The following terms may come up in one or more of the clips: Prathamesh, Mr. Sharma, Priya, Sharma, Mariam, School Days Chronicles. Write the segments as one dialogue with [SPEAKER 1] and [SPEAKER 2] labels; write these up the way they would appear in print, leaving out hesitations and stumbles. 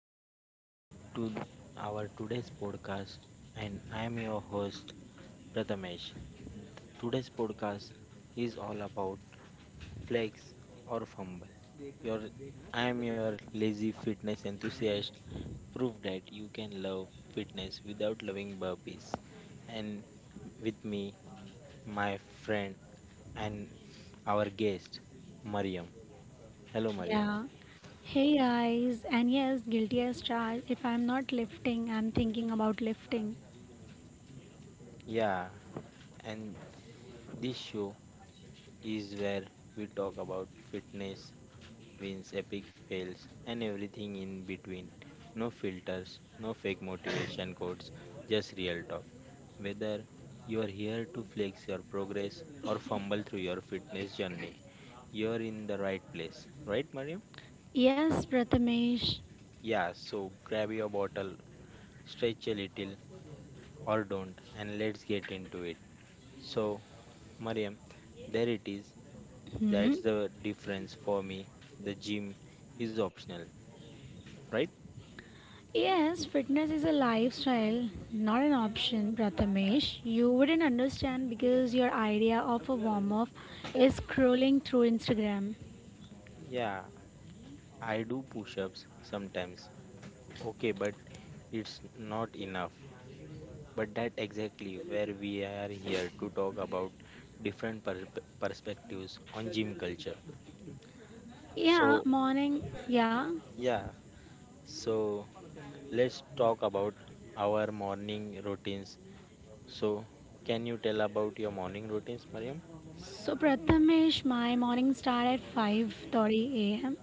[SPEAKER 1] welcome back to our today's podcast, and I am your host Prathamesh. Today's podcast is all about flex or fumble. Your I am your lazy fitness enthusiast. Prove that you can love fitness without loving burpees. And with me my friend and our guest Mariam. Hello Mariam.
[SPEAKER 2] Yeah. Hey guys, and yes, guilty as charged. If I'm not lifting, I'm thinking about lifting.
[SPEAKER 1] Yeah, and this show is where we talk about fitness, wins, epic fails, and everything in between. No filters, no fake motivation quotes, just real talk. Whether you are here to flex your progress or fumble through your fitness journey, you're in the right place, right, Mariam?
[SPEAKER 2] Yes, Prathamesh.
[SPEAKER 1] Yeah, so grab your bottle, stretch a little, or don't, and let's get into it. So, Mariam, there it is.
[SPEAKER 2] Hmm?
[SPEAKER 1] That's the difference for me. The gym is optional, right?
[SPEAKER 2] Yes, fitness is a lifestyle, not an option, Prathamesh. You wouldn't understand because your idea of a warm up is scrolling through Instagram.
[SPEAKER 1] Yeah, I do push ups sometimes. Okay, but it's not enough. But that exactly where we are here to talk about different perspectives on gym culture.
[SPEAKER 2] Yeah,
[SPEAKER 1] So,
[SPEAKER 2] morning. Yeah.
[SPEAKER 1] yeah, so let's talk about our morning routines. So, can you tell about your morning routines, Mariam?
[SPEAKER 2] So Prathamesh, my morning start at 5:30 a.m.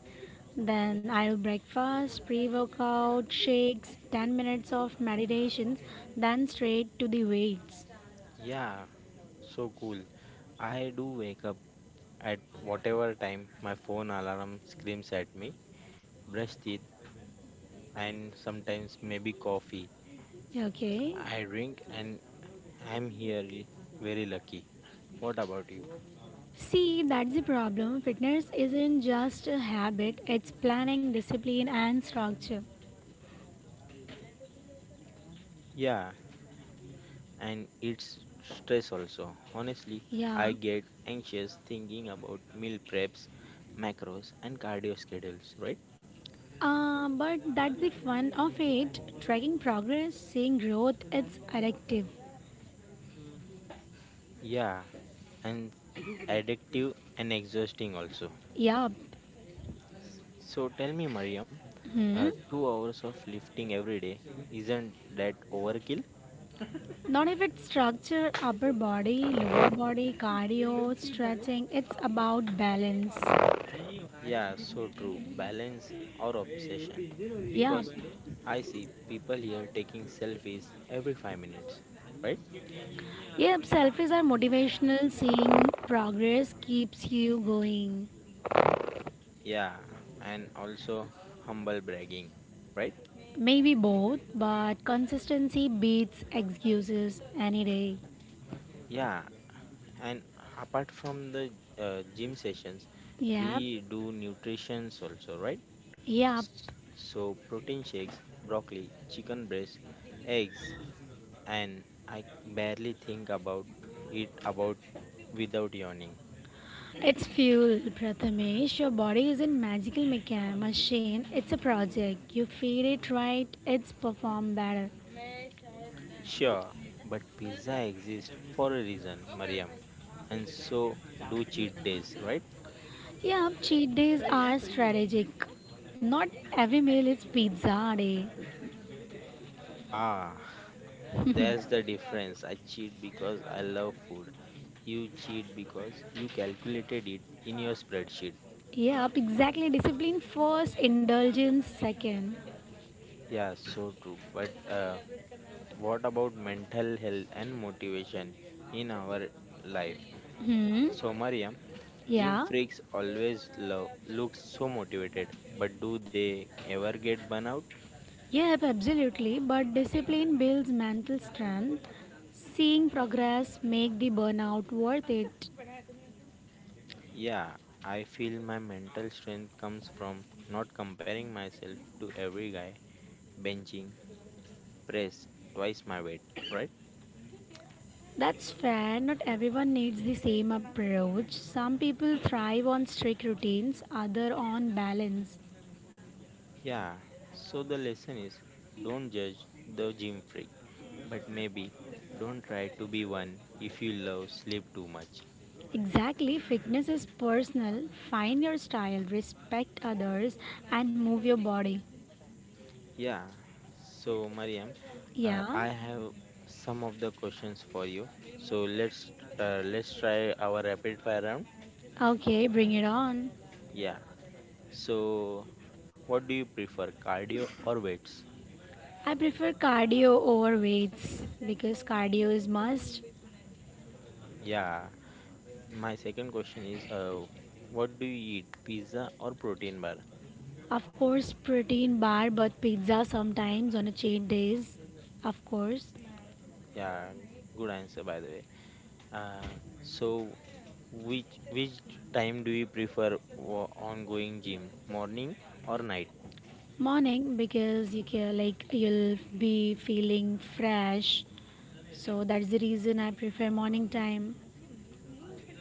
[SPEAKER 2] Then I'll breakfast, pre-workout, shakes, 10 minutes of meditations, then straight to the weights.
[SPEAKER 1] Yeah, so cool. I do wake up at whatever time my phone alarm screams at me, brush teeth and sometimes maybe coffee.
[SPEAKER 2] Okay.
[SPEAKER 1] I drink and I'm here very lucky. What about you?
[SPEAKER 2] See, that's the problem. Fitness isn't just a habit, it's planning, discipline, and structure.
[SPEAKER 1] Yeah, and it's stress also. Honestly,
[SPEAKER 2] Yeah.
[SPEAKER 1] I get anxious thinking about meal preps, macros and cardio schedules, right?
[SPEAKER 2] But that's the fun of it. Tracking progress, seeing growth, it's addictive.
[SPEAKER 1] Yeah, and addictive and exhausting also.
[SPEAKER 2] Yeah.
[SPEAKER 1] So tell me, Mariam, 2 hours of lifting every day, isn't that overkill?
[SPEAKER 2] Not if it's structure, upper body, lower body, cardio, stretching. It's about balance.
[SPEAKER 1] Yeah, so true. Balance or obsession.
[SPEAKER 2] Yep.
[SPEAKER 1] Because I see people here taking selfies every 5 minutes, right?
[SPEAKER 2] Yep. Selfies are motivational. Seeing progress keeps you going.
[SPEAKER 1] Yeah, and also humble bragging, right?
[SPEAKER 2] Maybe both, but consistency beats excuses any day.
[SPEAKER 1] Yeah, and apart from the gym sessions,
[SPEAKER 2] Yep.
[SPEAKER 1] we do nutritions also, right?
[SPEAKER 2] Yep.
[SPEAKER 1] So protein shakes, broccoli, chicken breast, eggs, and I barely think about it about without yawning.
[SPEAKER 2] It's fuel, Prathamesh. Your body is a magical machine. It's a project. You feed it right, it's perform better.
[SPEAKER 1] Sure, but pizza exists for a reason, Mariam, and so do cheat days, right?
[SPEAKER 2] Yeah, cheat days are strategic. Not every meal is pizza day.
[SPEAKER 1] Ah, that's the difference. I cheat because I love food. You cheat because you calculated it in your spreadsheet.
[SPEAKER 2] Yeah, exactly. Discipline first, indulgence second.
[SPEAKER 1] Yeah, so true. But what about mental health and motivation in our life?
[SPEAKER 2] Hmm.
[SPEAKER 1] So, Mariam, gym
[SPEAKER 2] Yeah.
[SPEAKER 1] freaks always look so motivated, but do they ever get burnout?
[SPEAKER 2] Yep, absolutely. But discipline builds mental strength. Seeing progress make the burnout worth it.
[SPEAKER 1] Yeah, I feel my mental strength comes from not comparing myself to every guy benching press twice my weight, right?
[SPEAKER 2] That's fair. Not everyone needs the same approach. Some people thrive on strict routines, other on balance.
[SPEAKER 1] Yeah, so the lesson is don't judge the gym freak, but maybe don't try to be one if you love sleep too much.
[SPEAKER 2] Exactly, fitness is personal. Find your style, respect others, and move your body.
[SPEAKER 1] Yeah. So, Mariam,
[SPEAKER 2] Yeah?
[SPEAKER 1] I have some of the questions for you. So let's try our rapid fire round.
[SPEAKER 2] Okay, bring it on.
[SPEAKER 1] Yeah. So, what do you prefer, cardio or weights?
[SPEAKER 2] I prefer cardio over weights because cardio is must.
[SPEAKER 1] Yeah. My second question is, what do you eat, pizza or protein bar?
[SPEAKER 2] Of course, protein bar but pizza sometimes on a cheat days. Of course,
[SPEAKER 1] Yeah. Good answer, by the way. Uh, so, which time do you prefer on going gym, morning or night?
[SPEAKER 2] morning because you can like you'll be feeling fresh. So that's the reason I prefer morning time.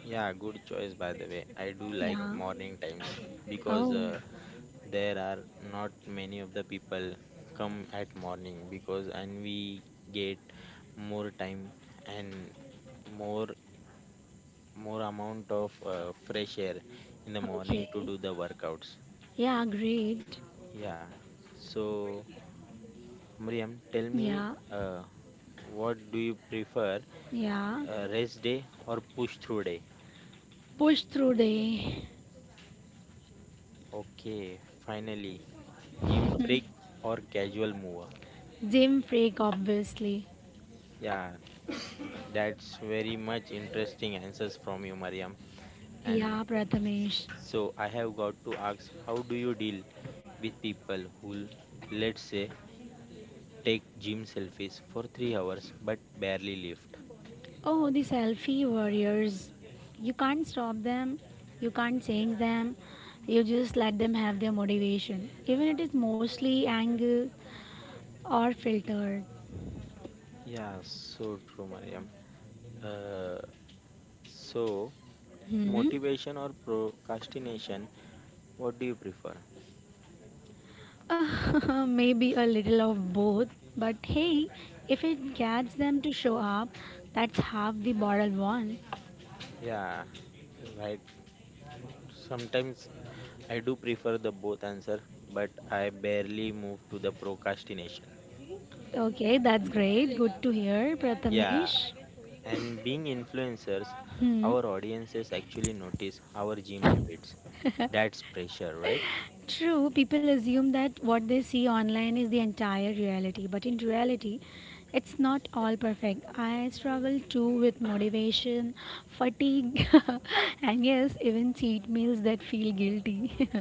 [SPEAKER 1] Yeah, good choice by the way. I do like
[SPEAKER 2] Yeah.
[SPEAKER 1] morning times because
[SPEAKER 2] Oh,
[SPEAKER 1] there are not many of the people come at morning because and we get more time and more more amount of fresh air in the morning to
[SPEAKER 2] okay.
[SPEAKER 1] do the workouts.
[SPEAKER 2] Yeah, great.
[SPEAKER 1] Yeah. So, Miriam, tell me
[SPEAKER 2] Yeah,
[SPEAKER 1] what do you prefer,
[SPEAKER 2] yeah.
[SPEAKER 1] rest day or push through day?
[SPEAKER 2] Push through the
[SPEAKER 1] Okay, finally, gym freak or casual mover?
[SPEAKER 2] gym freak, obviously.
[SPEAKER 1] Yeah, that's very much interesting answers from you, Mariam. And
[SPEAKER 2] Yeah, Prathamesh.
[SPEAKER 1] so I have got to ask, how do you deal with people who, let's say, take gym selfies for 3 hours but barely lift?
[SPEAKER 2] Oh, the selfie warriors. You can't stop them. You can't change them. You just let them have their motivation. Even it is mostly angle or filtered.
[SPEAKER 1] Yeah, so true, Mariam. Uh, so
[SPEAKER 2] Hmm?
[SPEAKER 1] motivation or procrastination? What do you prefer?
[SPEAKER 2] Maybe a little of both. But hey, if it gets them to show up, that's half the bottle won.
[SPEAKER 1] Yeah, right. Sometimes I do prefer the both answer, but I barely move to the procrastination.
[SPEAKER 2] Okay, that's great. Good to hear,
[SPEAKER 1] Yeah,
[SPEAKER 2] Prathamesh.
[SPEAKER 1] and being influencers, our audiences actually notice our gym habits. That's pressure, right?
[SPEAKER 2] True, people assume that what they see online is the entire reality, but in reality, it's not all perfect. I struggle too with motivation, fatigue, and yes, even cheat meals that feel guilty.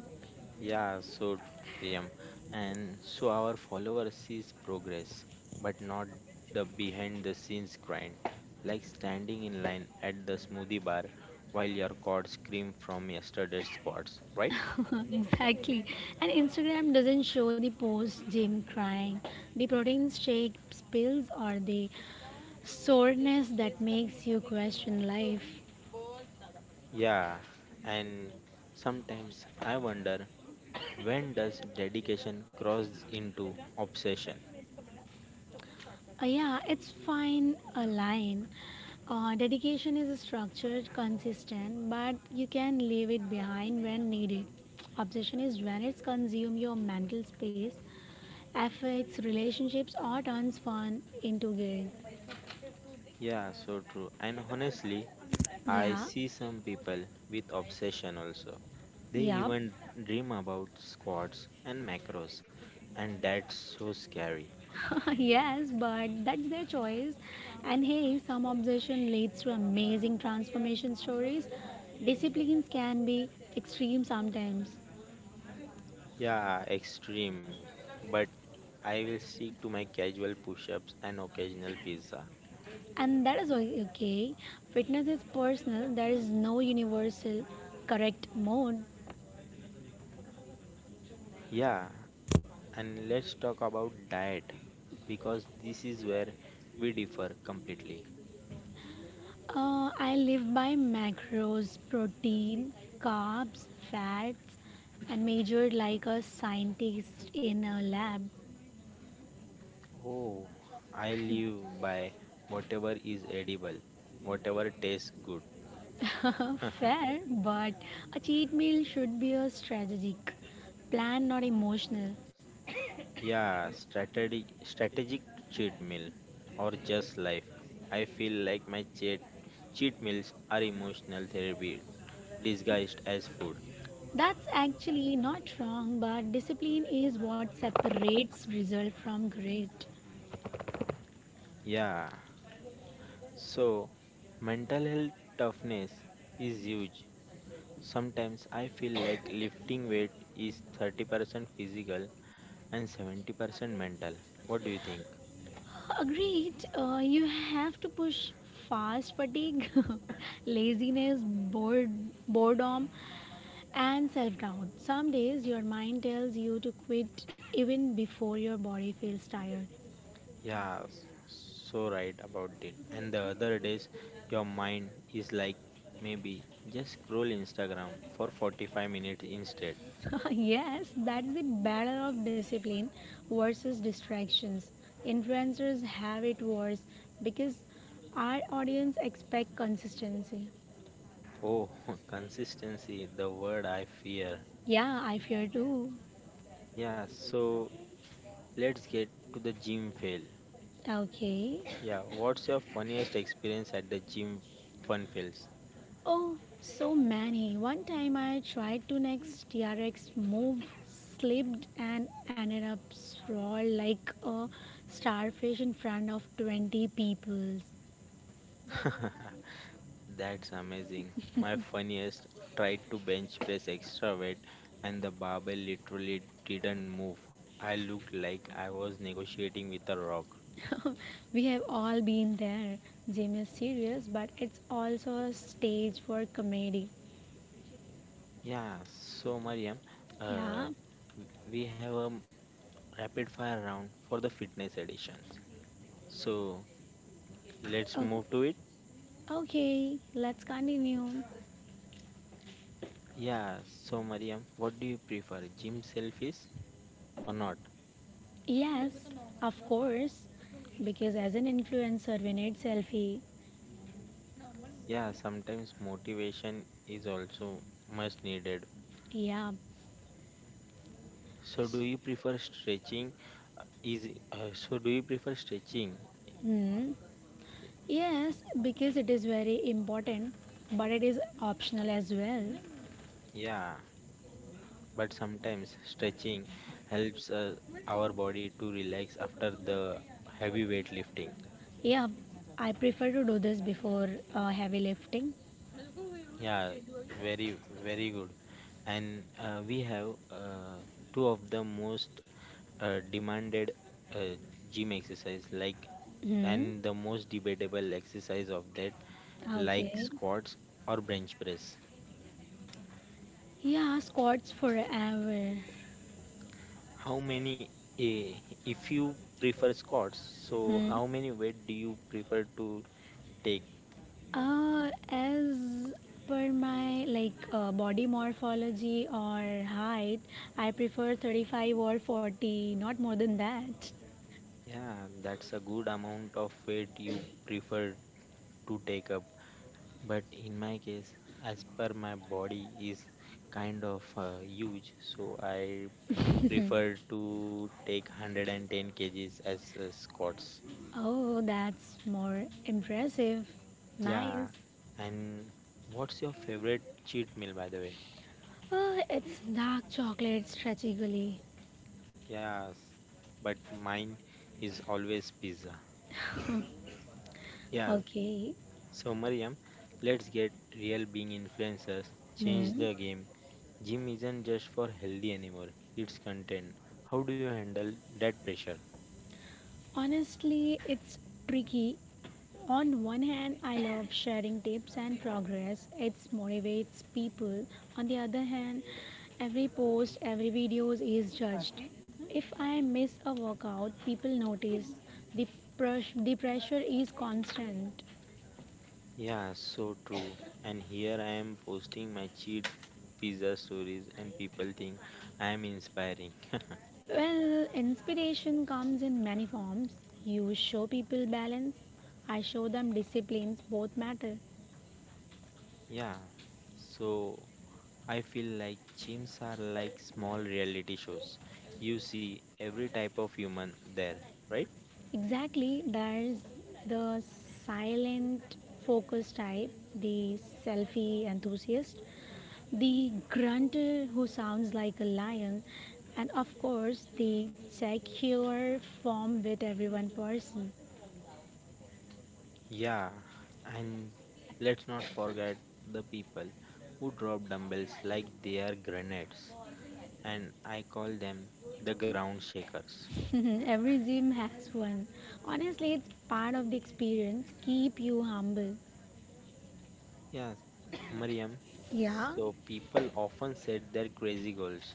[SPEAKER 1] Yeah, so Miriam, and so our followers sees progress, but not the behind the scenes grind, like standing in line at the smoothie bar while your quads scream from yesterday's squats, right?
[SPEAKER 2] exactly. And Instagram doesn't show the post gym crying, the protein shake spills, or the soreness that makes you question life.
[SPEAKER 1] Yeah, and sometimes I wonder, when does dedication cross into obsession?
[SPEAKER 2] Yeah, it's fine a line. Dedication is structured, consistent, but you can leave it behind when needed. Obsession is when it's consume your mental space, affects relationships, or turns fun into guilt.
[SPEAKER 1] Yeah, so true. And honestly, I
[SPEAKER 2] Yeah,
[SPEAKER 1] see some people with obsession also. They
[SPEAKER 2] yeah,
[SPEAKER 1] even dream about squats and macros, and that's so scary.
[SPEAKER 2] yes, but that's their choice. And hey, some obsession leads to amazing transformation stories. Disciplines can be extreme sometimes.
[SPEAKER 1] Yeah, extreme. But I will stick to my casual push ups and occasional pizza.
[SPEAKER 2] And that is okay. Fitness is personal, there is no universal correct mode.
[SPEAKER 1] Yeah, and let's talk about diet because this is where we differ completely.
[SPEAKER 2] I live by macros, protein, carbs, fats, and measure like a scientist in a lab.
[SPEAKER 1] Oh, I live by whatever is edible, whatever tastes good.
[SPEAKER 2] Fair, but a cheat meal should be a strategic plan, not emotional.
[SPEAKER 1] Yeah, strategic cheat meal or just life. I feel like my cheat meals are emotional therapy disguised as food.
[SPEAKER 2] That's actually not wrong, but discipline is what separates result from grade.
[SPEAKER 1] Yeah, so mental health toughness is huge. Sometimes I feel like lifting weight is 30% physical and 70% mental. What do you think?
[SPEAKER 2] Agreed. You have to push fast fatigue, laziness, boredom, and self doubt. Some days your mind tells you to quit even before your body feels tired.
[SPEAKER 1] Yeah, so right about it. And the other days, your mind is like maybe just scroll Instagram for 45 minutes instead.
[SPEAKER 2] Yes, that's the battle of discipline versus distractions. Influencers have it worse because our audience expect consistency.
[SPEAKER 1] Oh, consistency, the word I fear.
[SPEAKER 2] Yeah, I fear too.
[SPEAKER 1] Yeah, so let's get to the gym fail.
[SPEAKER 2] Okay.
[SPEAKER 1] Yeah, what's your funniest experience at the gym fun fails?
[SPEAKER 2] Oh, so many. One time I tried to next TRX move, slipped, and ended up sprawled like a starfish in front of 20 people.
[SPEAKER 1] That's amazing. My funniest tried to bench press extra weight and the barbell literally didn't move. I looked like I was negotiating with a rock.
[SPEAKER 2] We have all been there. Gym is serious, but it's also a stage for comedy.
[SPEAKER 1] Yeah, so Mariam,
[SPEAKER 2] Yeah.
[SPEAKER 1] uh, we have a rapid fire round for the fitness editions. So let's
[SPEAKER 2] O-
[SPEAKER 1] move to it.
[SPEAKER 2] okay, let's continue.
[SPEAKER 1] Yeah, so Mariam, what do you prefer, gym selfies or not?
[SPEAKER 2] Yes, of course. Because as an influencer, we need selfie.
[SPEAKER 1] Yeah, sometimes motivation is also much needed.
[SPEAKER 2] Yeah.
[SPEAKER 1] So do you prefer stretching? Easy. So, do you prefer stretching?
[SPEAKER 2] Hmm. Yes, because it is very important, but it is optional as well.
[SPEAKER 1] Yeah, but sometimes stretching helps our body to relax after the heavy weightlifting.
[SPEAKER 2] Yeah, I prefer to do this before heavy lifting.
[SPEAKER 1] Yeah, very, very good. And we have two of the most demanded uh, gym exercise, like
[SPEAKER 2] Hmm.
[SPEAKER 1] and the most debatable exercise of that, like
[SPEAKER 2] Okay.
[SPEAKER 1] squats or bench press.
[SPEAKER 2] Yeah, squats forever.
[SPEAKER 1] How many, eh, if you prefer squats, so
[SPEAKER 2] Hmm.
[SPEAKER 1] how many weight do you prefer to take?
[SPEAKER 2] As per my like body morphology or height, I prefer 35 or 40, not more than that.
[SPEAKER 1] Yeah, that's a good amount of weight you prefer to take up. But in my case, as per my body is kind of huge, so I prefer to take 110 kgs as squats.
[SPEAKER 2] Oh, that's more impressive. Nice.
[SPEAKER 1] Yeah, and what's your favorite cheat meal by the way?
[SPEAKER 2] It's dark chocolate stretchy gully.
[SPEAKER 1] Yes, but mine is always pizza. Yeah,
[SPEAKER 2] Okay.
[SPEAKER 1] so Mariam, let's get real being influencers. Change
[SPEAKER 2] Hmm.
[SPEAKER 1] the game. Gym isn't just for healthy anymore, it's content. How do you handle that pressure?
[SPEAKER 2] Honestly, it's tricky. On one hand, I love sharing tips and progress. It motivates people. On the other hand, every post, every video is judged. If I miss a workout, people notice. The, the pressure is constant.
[SPEAKER 1] Yeah, so true. And here I am posting my cheat pizza stories, and people think I am inspiring.
[SPEAKER 2] Well, inspiration comes in many forms. You show people balance, I show them disciplines, both matter.
[SPEAKER 1] Yeah, so I feel like gyms are like small reality shows. You see every type of human there, right?
[SPEAKER 2] Exactly, there's the silent focus type, the selfie enthusiast, the grunter who sounds like a lion, and of course, the secure form with everyone person.
[SPEAKER 1] Yeah, and let's not forget the people who drop dumbbells like they are grenades, and I call them the ground shakers.
[SPEAKER 2] Every gym has one. Honestly, it's part of the experience. Keep you humble.
[SPEAKER 1] Yeah, Mariam,
[SPEAKER 2] Yeah,
[SPEAKER 1] so people often set their crazy goals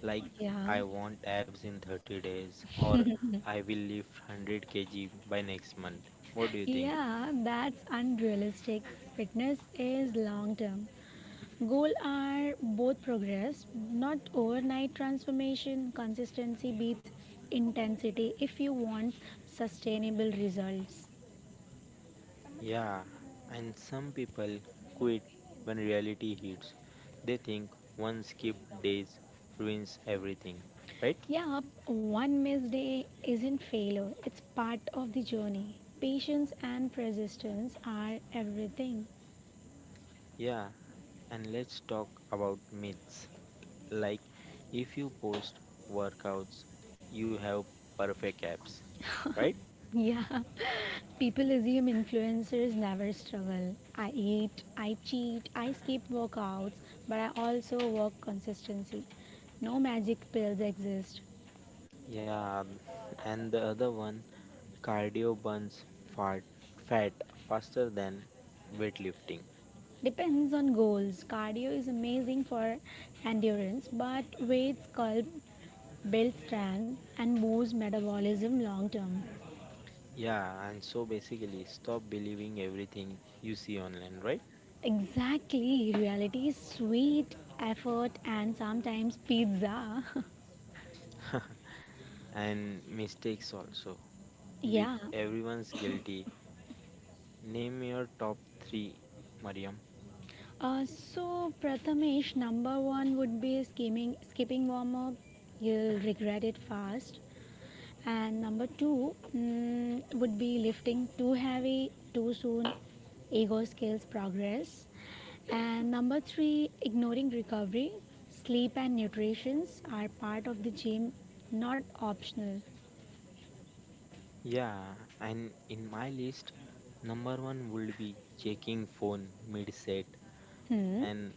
[SPEAKER 1] like
[SPEAKER 2] Yeah,
[SPEAKER 1] I want abs in 30 days or I will lift 100 kg by next month. What do you think?
[SPEAKER 2] yeah, that's unrealistic. Fitness is long term. Goal are both progress, not overnight transformation. Consistency beats intensity if you want sustainable results.
[SPEAKER 1] Yeah, and some people quit when reality hits. They think one skipped days ruins everything, right?
[SPEAKER 2] Yeah, one missed day isn't failure. It's part of the journey. Patience and persistence are everything.
[SPEAKER 1] Yeah, and let's talk about myths. Like, if you post workouts, you have perfect abs, right?
[SPEAKER 2] Yeah. People assume influencers never struggle. I eat, I cheat, I skip workouts, but I also work consistency. No magic pills exist.
[SPEAKER 1] Yeah, and the other one, cardio burns fat, fat faster than weightlifting.
[SPEAKER 2] Depends on goals. Cardio is amazing for endurance, but weights sculpt build, strength and boost metabolism long term.
[SPEAKER 1] Yeah, and so basically, stop believing everything you see online, right?
[SPEAKER 2] Exactly, reality is sweet, effort, and sometimes pizza.
[SPEAKER 1] And mistakes also. With
[SPEAKER 2] yeah,
[SPEAKER 1] everyone's guilty, name your top three, Mariam.
[SPEAKER 2] So, Prathamesh, number one would be skipping warm up. You'll regret it fast. And number two would be lifting too heavy too soon. Ego scales progress. And number three, ignoring recovery. Sleep and nutrition are part of the gym, not optional.
[SPEAKER 1] Yeah, and in my list, number one would be checking phone mid set,
[SPEAKER 2] Hmm,
[SPEAKER 1] and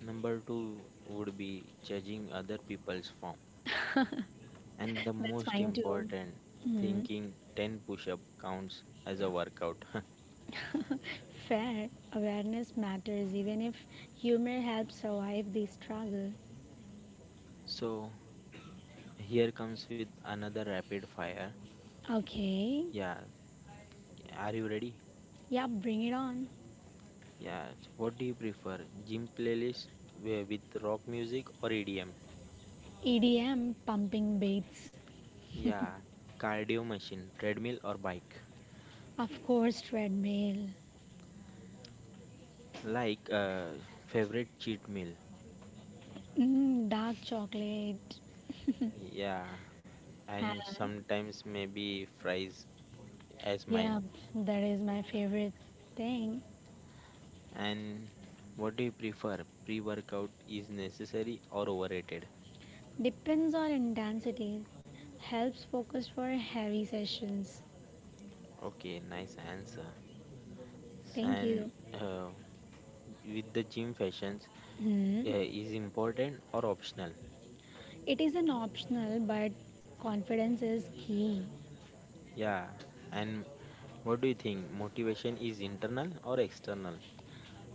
[SPEAKER 1] number two would be judging other people's form, and the
[SPEAKER 2] that's
[SPEAKER 1] most
[SPEAKER 2] fine too.
[SPEAKER 1] important, thinking 10 push up counts as a workout.
[SPEAKER 2] Fair awareness matters even if humor helps survive the struggle.
[SPEAKER 1] So, here comes with another rapid fire.
[SPEAKER 2] Okay.
[SPEAKER 1] Yeah, are you ready?
[SPEAKER 2] Yeah, bring it on.
[SPEAKER 1] Yeah, what do you prefer? Gym playlist with rock music or EDM?
[SPEAKER 2] EDM, pumping beats.
[SPEAKER 1] Yeah, cardio machine, treadmill or bike?
[SPEAKER 2] Of course, treadmill.
[SPEAKER 1] Like favorite cheat meal.
[SPEAKER 2] Mm, dark chocolate.
[SPEAKER 1] Yeah, and
[SPEAKER 2] Uh,
[SPEAKER 1] sometimes maybe fries as
[SPEAKER 2] yeah,
[SPEAKER 1] mine.
[SPEAKER 2] that is my favorite thing.
[SPEAKER 1] And what do you prefer? Pre-workout is necessary or overrated?
[SPEAKER 2] Depends on intensity. Helps focus for heavy sessions.
[SPEAKER 1] Okay, nice answer.
[SPEAKER 2] Thank
[SPEAKER 1] And
[SPEAKER 2] you.
[SPEAKER 1] uh, with the gym fashions,
[SPEAKER 2] Mm.
[SPEAKER 1] is important or optional?
[SPEAKER 2] It is an optional, but confidence is key.
[SPEAKER 1] Yeah, and what do you think? Motivation is internal or external?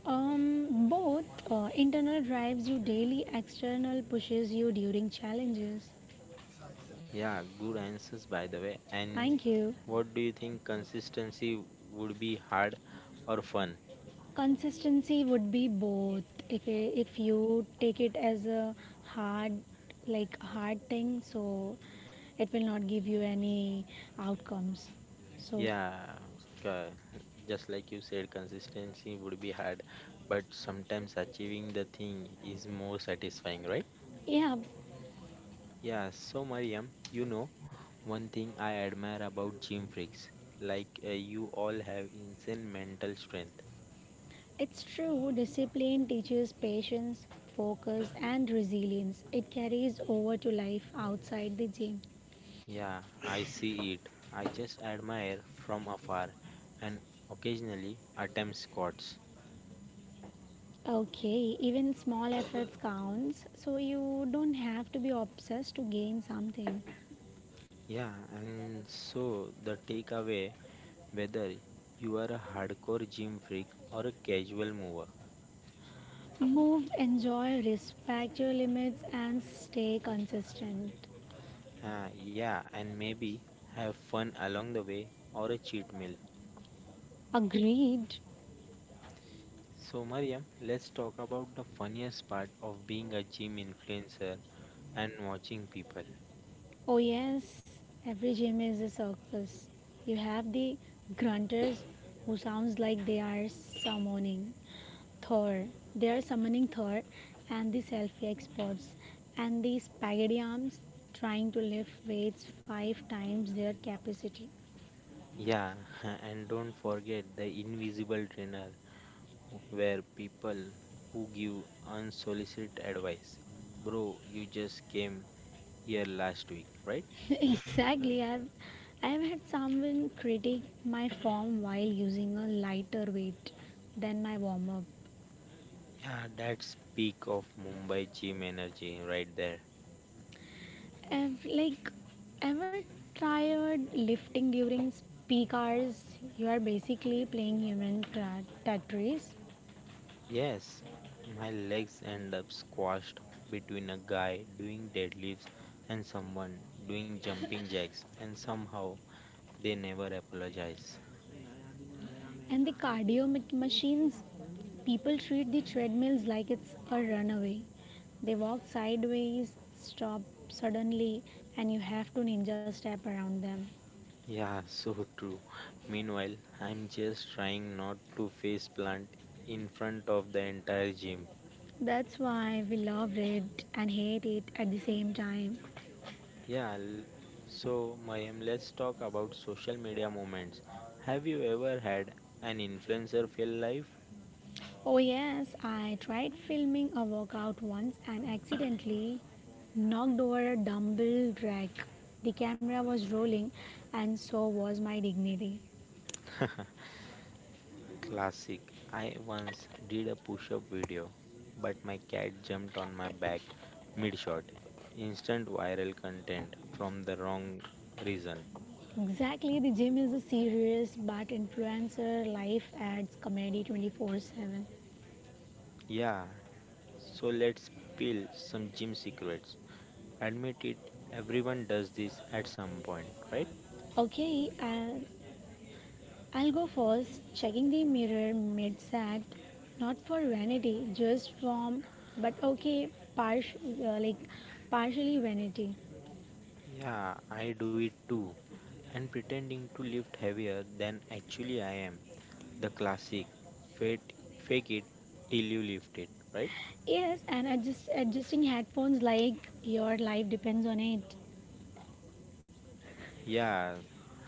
[SPEAKER 2] Both internal drives you daily, external pushes you during challenges.
[SPEAKER 1] Yeah, good answers by the way. And
[SPEAKER 2] Thank you.
[SPEAKER 1] what do you think, consistency would be hard or fun?
[SPEAKER 2] Consistency would be both. If if you take it as a hard like hard thing, so it will not give you any outcomes. So
[SPEAKER 1] Yeah, uh, just like you said, consistency would be hard, but sometimes achieving the thing is more satisfying, right?
[SPEAKER 2] yeah,
[SPEAKER 1] Yeah, so Mariam, one thing I admire about gym freaks, like you all have insane mental strength.
[SPEAKER 2] it's true. Discipline teaches patience, focus, and resilience. It carries over to life outside the gym.
[SPEAKER 1] Yeah, I see it. I just admire from afar and occasionally attempt squats.
[SPEAKER 2] Okay, even small efforts counts. So you don't have to be obsessed to gain something.
[SPEAKER 1] Yeah, and so the takeaway, whether you are a hardcore gym freak or a casual mover.
[SPEAKER 2] Move, enjoy, respect your limits, and stay consistent.
[SPEAKER 1] Ah, yeah, and maybe have fun along the way or a cheat meal.
[SPEAKER 2] Agreed.
[SPEAKER 1] So, Mariam, let's talk about the funniest part of being a gym influencer and watching people.
[SPEAKER 2] Oh, yes, every gym is a circus. You have the grunters who sounds like they are summoning Thor. They are summoning Thor, and the selfie experts, and the spaghetti arms trying to lift weights five times their capacity.
[SPEAKER 1] Yeah, and don't forget the invisible trainer where people who give unsolicited advice. Bro, you just came here last week, right?
[SPEAKER 2] Exactly. I've had someone critique my form while using a lighter weight than my warm up.
[SPEAKER 1] Yeah, that's peak of Mumbai gym energy right there.
[SPEAKER 2] I've like ever tried lifting during peak hours? You are basically playing human Tetris.
[SPEAKER 1] Yes, my legs end up squashed between a guy doing deadlifts and someone doing jumping jacks, and somehow they never apologize.
[SPEAKER 2] And the cardio machines, people treat the treadmills like it's a runaway. They walk sideways, stop suddenly, and you have to ninja step around them.
[SPEAKER 1] Yeah, so true. Meanwhile, I'm just trying not to face plant in front of the entire gym.
[SPEAKER 2] That's why we loved it and hate it at the same time.
[SPEAKER 1] Yeah, so Mayim, let's talk about social media moments. Have you ever had an influencer fail life?
[SPEAKER 2] Oh, yes, I tried filming a workout once and accidentally knocked over a dumbbell rack. The camera was rolling, and so was my dignity.
[SPEAKER 1] Classic. I once did a push up video, but my cat jumped on my back mid shot. Instant viral content from the wrong reason.
[SPEAKER 2] Exactly, the gym is a serious but influencer life adds comedy 24/7.
[SPEAKER 1] Yeah, so let's peel some gym secrets. Admit it, everyone does this at some point, right?
[SPEAKER 2] Okay, I'll go first, checking the mirror mid act, not for vanity, just from, but okay, parsh, like partially vanity.
[SPEAKER 1] Yeah, I do it too. And pretending to lift heavier than actually I am. The classic fake it till you lift it, right?
[SPEAKER 2] Yes, and adjusting headphones like your life depends on it.
[SPEAKER 1] Yeah,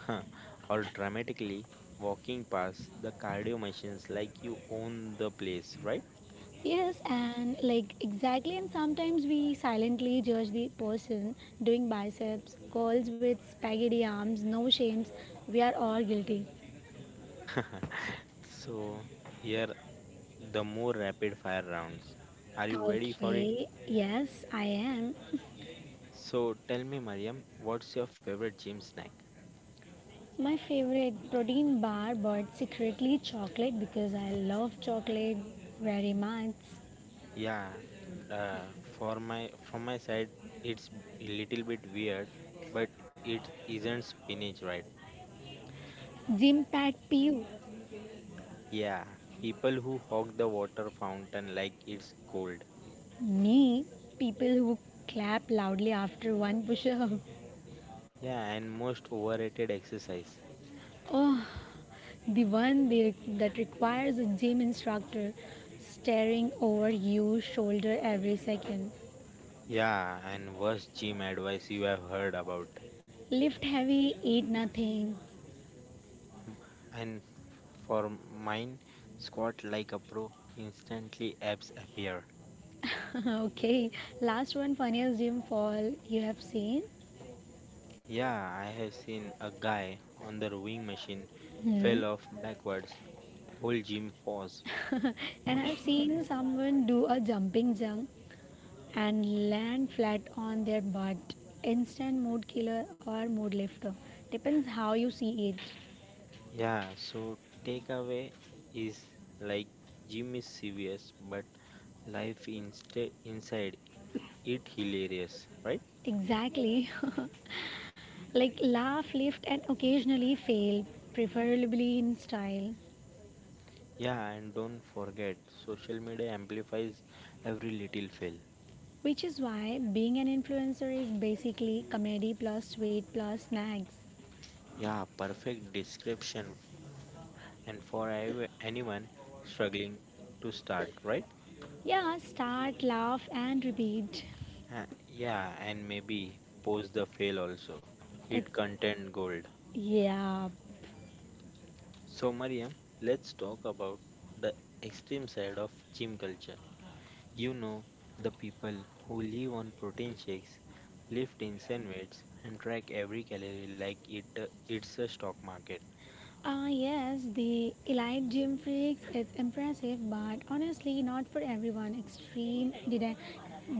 [SPEAKER 1] huh. Or dramatically walking past the cardio machines like you own the place, right?
[SPEAKER 2] Yes, and like exactly, and sometimes we silently judge the person doing biceps, curls with spaghetti arms, no shames. We are all guilty.
[SPEAKER 1] so, here the more rapid fire rounds. Are you ready for it?
[SPEAKER 2] Okay, yes, I am.
[SPEAKER 1] So, tell me, Mariam, what's your favorite gym snack?
[SPEAKER 2] My favorite protein bar, but secretly chocolate because I love chocolate very much.
[SPEAKER 1] Yeah, uh, for my from my side, it's a little bit weird, but it isn't spinach, right?
[SPEAKER 2] Gym Pat Pew.
[SPEAKER 1] Yeah, people who hog the water fountain like it's gold.
[SPEAKER 2] Me, people who clap loudly after one push up.
[SPEAKER 1] Yeah, and most overrated exercise.
[SPEAKER 2] Oh, the one they, that requires a gym instructor staring over your shoulder every second.
[SPEAKER 1] Yeah, and worst gym advice you have heard about.
[SPEAKER 2] Lift heavy, eat nothing.
[SPEAKER 1] And for mine, squat like a pro, instantly abs appear.
[SPEAKER 2] Okay, last one funniest gym fall you have seen?
[SPEAKER 1] Yeah, I have seen a guy on the rowing machine
[SPEAKER 2] Hmm.
[SPEAKER 1] fell off backwards, whole gym paused.
[SPEAKER 2] And I've seen someone do a jumping jump and land flat on their butt. Instant mood killer or mood lifter. Depends how you see it.
[SPEAKER 1] Yeah, so takeaway is like gym is serious, but life inside it hilarious, right?
[SPEAKER 2] Exactly. Like laugh, lift, and occasionally fail, preferably in style.
[SPEAKER 1] Yeah, and don't forget, social media amplifies every little fail.
[SPEAKER 2] Which is why being an influencer is basically comedy plus sweet plus snacks.
[SPEAKER 1] Yeah, perfect description, and for anyone struggling to start, right?
[SPEAKER 2] Yeah, start, laugh, and repeat.
[SPEAKER 1] Yeah, and maybe post the fail also. It
[SPEAKER 2] It's
[SPEAKER 1] content gold.
[SPEAKER 2] yeah,
[SPEAKER 1] So, Mariam, let's talk about the extreme side of gym culture. You know, the people who live on protein shakes, lift in sandwiches, and track every calorie like it's a stock market.
[SPEAKER 2] Ah, yes, the elite gym freaks is impressive, but honestly, not for everyone. Extreme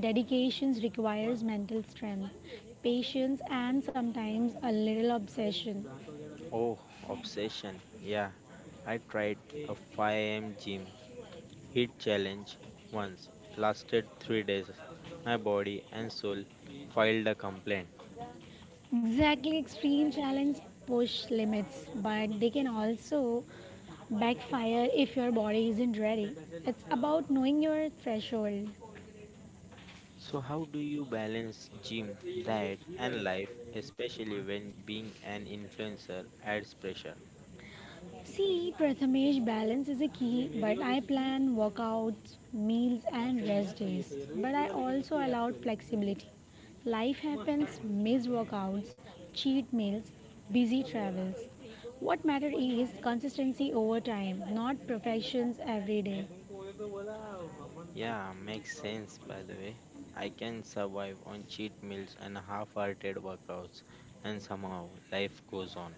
[SPEAKER 2] dedications requires mental strength, patience, and sometimes a little obsession.
[SPEAKER 1] Oh, obsession. Yeah, I tried a 5 a.m. gym hit challenge once, lasted 3 days. My body and soul filed a complaint.
[SPEAKER 2] Exactly, extreme challenge push limits, but they can also backfire if your body isn't ready. It's about knowing your threshold.
[SPEAKER 1] So how do you balance gym, diet and life especially when being an influencer adds pressure?
[SPEAKER 2] See, Prathamesh, balance is a key, but I plan workouts, meals, and rest days. But I also allowed flexibility. Life happens, missed workouts, cheat meals, busy travels. What matters is consistency over time, not perfections every day.
[SPEAKER 1] Yeah, makes sense by the way. I can survive on cheat meals and half hearted workouts, and somehow life goes on.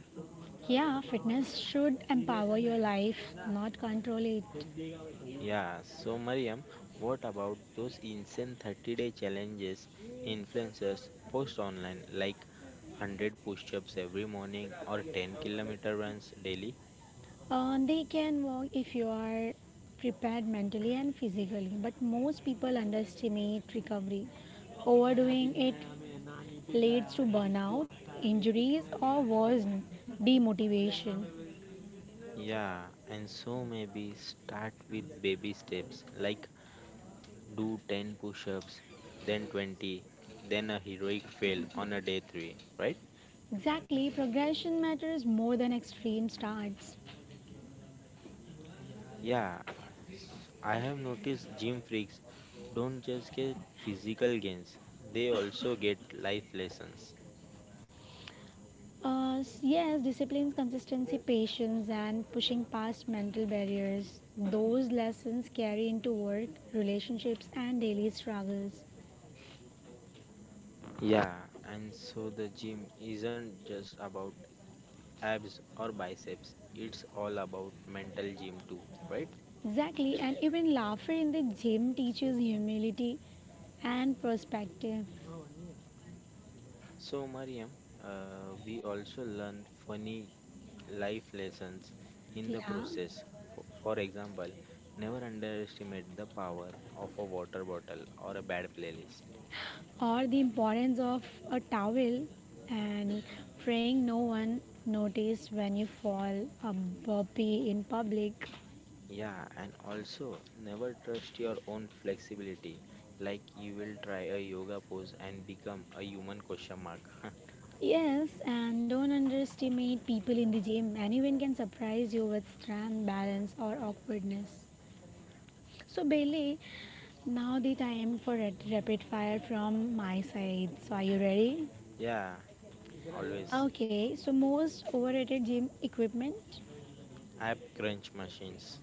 [SPEAKER 2] Yeah, fitness should empower your life, not control it.
[SPEAKER 1] Yeah, so Mariam, what about those insane 30-day challenges influencers post online, like 100 push ups every morning or 10-kilometer runs daily?
[SPEAKER 2] They can work if you are prepared mentally and physically, but most people underestimate recovery. Overdoing it leads to burnout, injuries, or worse, demotivation.
[SPEAKER 1] Yeah, and so maybe start with baby steps like do 10 push ups, then 20, then a heroic fail on a day 3, right?
[SPEAKER 2] Exactly, progression matters more than extreme starts.
[SPEAKER 1] Yeah, I have noticed gym freaks don't just get physical gains, they also get life lessons.
[SPEAKER 2] Yes, discipline, consistency, patience, and pushing past mental barriers. Those lessons carry into work, relationships, and daily struggles.
[SPEAKER 1] Yeah, and so the gym isn't just about abs or biceps, it's all about mental gym too, right?
[SPEAKER 2] Exactly, and even laughter in the gym teaches humility and perspective.
[SPEAKER 1] So, Mariam, we also learn funny life lessons in the
[SPEAKER 2] Yeah,
[SPEAKER 1] process. For example, never underestimate the power of a water bottle or a bad playlist.
[SPEAKER 2] or the importance of a towel and praying no one notice when you fall a burpee in public.
[SPEAKER 1] Yeah, and also never trust your own flexibility. Like you will try a yoga pose and become a human question mark.
[SPEAKER 2] Yes, and don't underestimate people in the gym. Anyone can surprise you with strength, balance, or awkwardness. So, Bailey, now the time for a rapid fire from my side. So, are you ready?
[SPEAKER 1] Yeah, always.
[SPEAKER 2] Okay, so most overrated gym equipment
[SPEAKER 1] App crunch machines.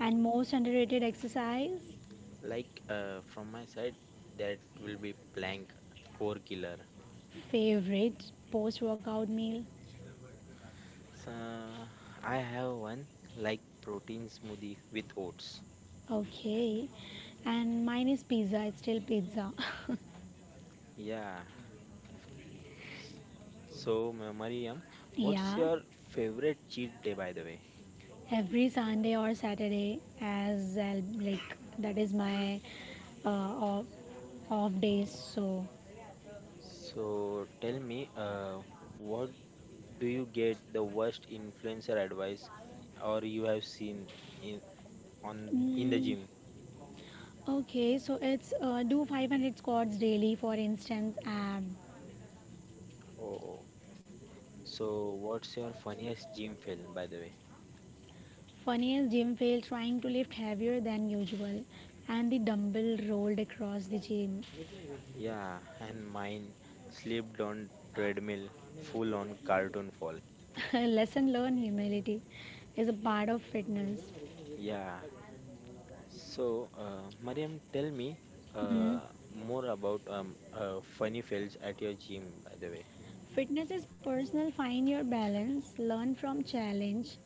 [SPEAKER 2] and most underrated exercise,
[SPEAKER 1] From my side, that will be blank core killer.
[SPEAKER 2] favorite post workout meal.
[SPEAKER 1] So I have one like protein smoothie with oats.
[SPEAKER 2] Okay, and mine is pizza, it's still pizza.
[SPEAKER 1] Yeah. So Mariam, what's
[SPEAKER 2] yeah,
[SPEAKER 1] your favorite cheat day by the way?
[SPEAKER 2] every Sunday or Saturday, as I'll, like that is my uh, off, off days. So,
[SPEAKER 1] So tell me, what do you get the worst influencer advice or you have seen in on in the
[SPEAKER 2] mm,
[SPEAKER 1] gym?
[SPEAKER 2] okay, so it's do 500 squats daily, for instance, abs
[SPEAKER 1] Oh, so what's your funniest gym fail by the way?
[SPEAKER 2] Funniest gym fail trying to lift heavier than usual and the dumbbell rolled across the gym.
[SPEAKER 1] Yeah, and mine slipped on treadmill full on cartoon fall.
[SPEAKER 2] Lesson learned humility is a part of fitness.
[SPEAKER 1] Yeah. So Mariam tell me
[SPEAKER 2] Mhm.
[SPEAKER 1] uh, more about funny fails at your gym by the way.
[SPEAKER 2] Fitness is personal, find your balance, learn from challenge,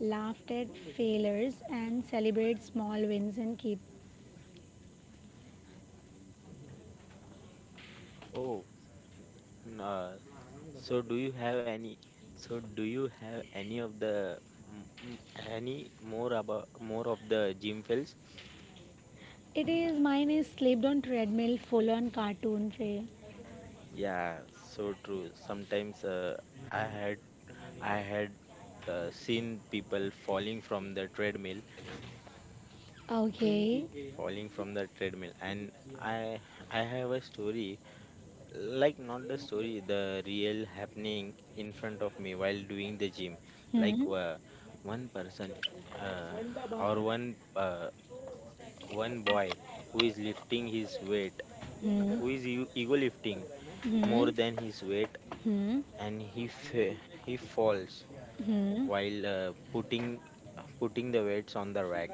[SPEAKER 2] laugh at failures, and celebrate small wins and keep.
[SPEAKER 1] Oh, n- uh, so do you have any? So do you have any of the mm, mm, any more about more of the gym fails?
[SPEAKER 2] It is mine is slept on treadmill, full on cartoon fail.
[SPEAKER 1] Yeah, so true. Sometimes I had I had seen people falling from the treadmill,
[SPEAKER 2] Okay.
[SPEAKER 1] falling from the treadmill, and I I have a story like not the story, the real happening in front of me while doing the gym. Like
[SPEAKER 2] Hmm.
[SPEAKER 1] uh, one person uh, or one boy who is lifting his weight,
[SPEAKER 2] Hmm.
[SPEAKER 1] who is ego lifting more
[SPEAKER 2] Hmm.
[SPEAKER 1] than his weight,
[SPEAKER 2] Hmm.
[SPEAKER 1] and he he falls
[SPEAKER 2] Hmm.
[SPEAKER 1] while putting the weights on the rack.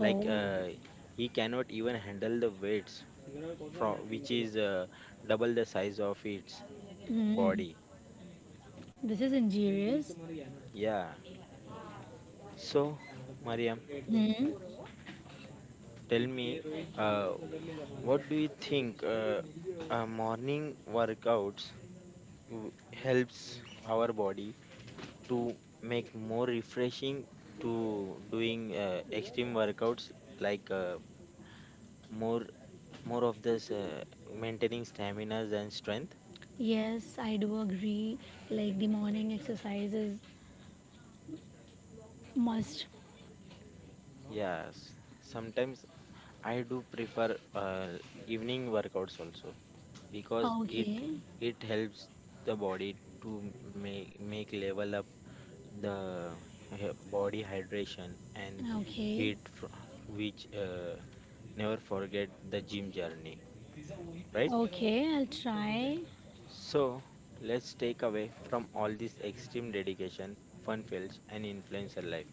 [SPEAKER 1] Like uh, he cannot even handle the weights from which is double the size of its
[SPEAKER 2] Hmm.
[SPEAKER 1] body.
[SPEAKER 2] This is injurious.
[SPEAKER 1] Yeah. So, Mariam,
[SPEAKER 2] Hmm.
[SPEAKER 1] tell me, uh, what do you think? Morning workouts helps our body to make more refreshing to doing extreme workouts like uh, more more of this maintaining staminas and strength.
[SPEAKER 2] Yes, I do agree. Like the morning exercise is must.
[SPEAKER 1] Yes, sometimes I do prefer uh, evening workouts also because it
[SPEAKER 2] Okay,
[SPEAKER 1] it helps the body to make level up the body hydration and
[SPEAKER 2] okay,
[SPEAKER 1] heat fr- which never forget the gym journey, right?
[SPEAKER 2] okay. I'll try.
[SPEAKER 1] So, let's take away from all this extreme dedication, fun fails, and influencer life.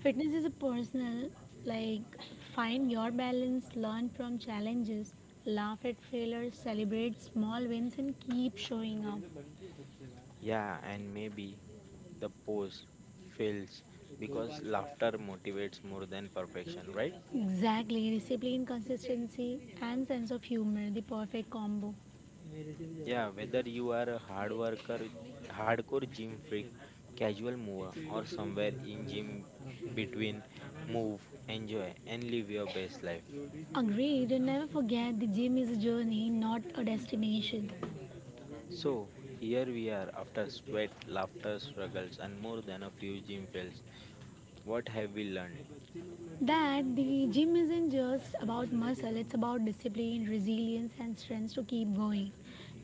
[SPEAKER 2] Fitness is a personal. Like find your balance, learn from challenges, laugh at failures, celebrate small wins, and keep showing up.
[SPEAKER 1] Yeah, and maybe the post fails because laughter motivates more than perfection, right?
[SPEAKER 2] Exactly, discipline, consistency, and sense of humor, the perfect combo.
[SPEAKER 1] Yeah, whether you are a hard worker, hardcore gym freak, casual mover, or somewhere in gym between, move, enjoy, and live your best life.
[SPEAKER 2] Agreed, and never forget the gym is a journey, not a destination.
[SPEAKER 1] So, here we are after sweat, laughter, struggles, and more than a few gym fails. What have we learned?
[SPEAKER 2] That the gym isn't just about muscle, it's about discipline, resilience, and strength to keep going,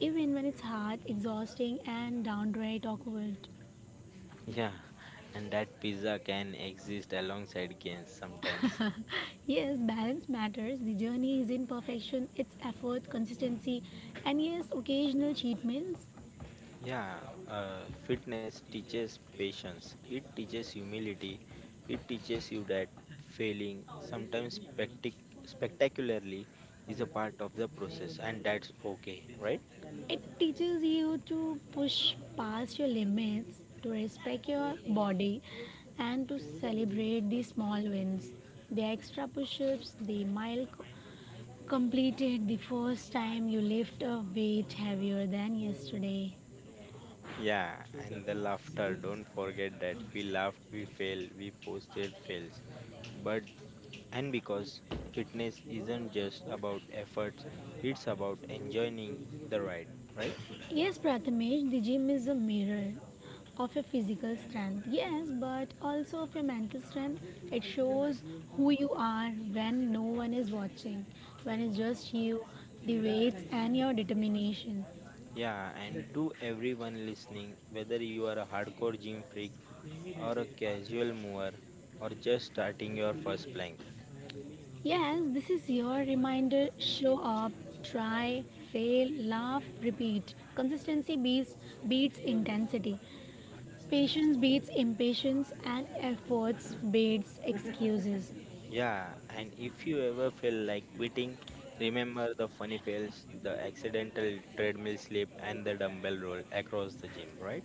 [SPEAKER 2] even when it's hard, exhausting, and downright awkward.
[SPEAKER 1] Yeah, and that pizza can exist alongside gains sometimes.
[SPEAKER 2] Yes, balance matters. The journey is in perfection, it's effort, consistency, and yes, occasional cheat meals.
[SPEAKER 1] Yeah, fitness teaches patience, it teaches humility, it teaches you that failing, sometimes spectacularly, is a part of the process, and that's okay, right?
[SPEAKER 2] It teaches you to push past your limits, to respect your body, and to celebrate the small wins the extra push-ups, the mild completed the first time you lift a weight heavier than yesterday.
[SPEAKER 1] Yeah, and the laughter, don't forget that we laughed, we failed, we posted fails, but and because fitness isn't just about efforts, it's about enjoying the ride, right?
[SPEAKER 2] Yes, Prathamesh, the gym is a mirror of your physical strength. Yes, but also of your mental strength. It shows who you are when no one is watching, when it's just you, the ways, and your determination.
[SPEAKER 1] Yeah, and to everyone listening, whether you are a hardcore gym freak or a casual mover or just starting your first plank.
[SPEAKER 2] Yes, this is your reminder show up, try, fail, laugh, repeat. Consistency beats intensity. Patience beats impatience and efforts beats excuses.
[SPEAKER 1] Yeah, and if you ever feel like quitting, remember the funny fails, the accidental treadmill slip, and the dumbbell roll across the gym, right?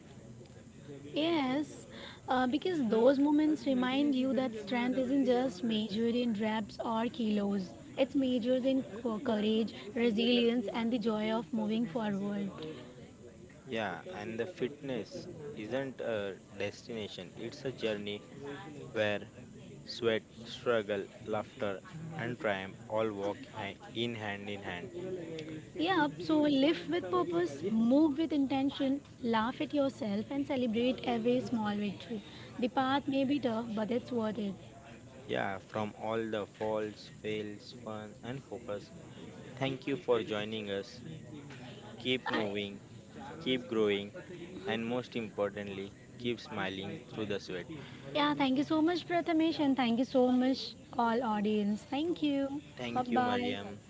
[SPEAKER 2] Yes, because those moments remind you that strength isn't just measured in reps or kilos. It's measured in courage, resilience, and the joy of moving forward.
[SPEAKER 1] Yeah, and the fitness isn't a destination, it's a journey where sweat, struggle, laughter, and triumph all walk in hand in hand.
[SPEAKER 2] Yeah, so live with purpose, move with intention, laugh at yourself, and celebrate every small victory. The path may be tough, but it's worth it.
[SPEAKER 1] Yeah, from all the falls, fails, fun, and focus. Thank you for joining us. Keep
[SPEAKER 2] I,
[SPEAKER 1] moving, keep growing, and most importantly, keep smiling through the sweat.
[SPEAKER 2] Yeah, thank you so much, Prathamesh, and thank you so much, all audience. Thank you. Bye
[SPEAKER 1] Thank you,
[SPEAKER 2] bye.
[SPEAKER 1] Mariam.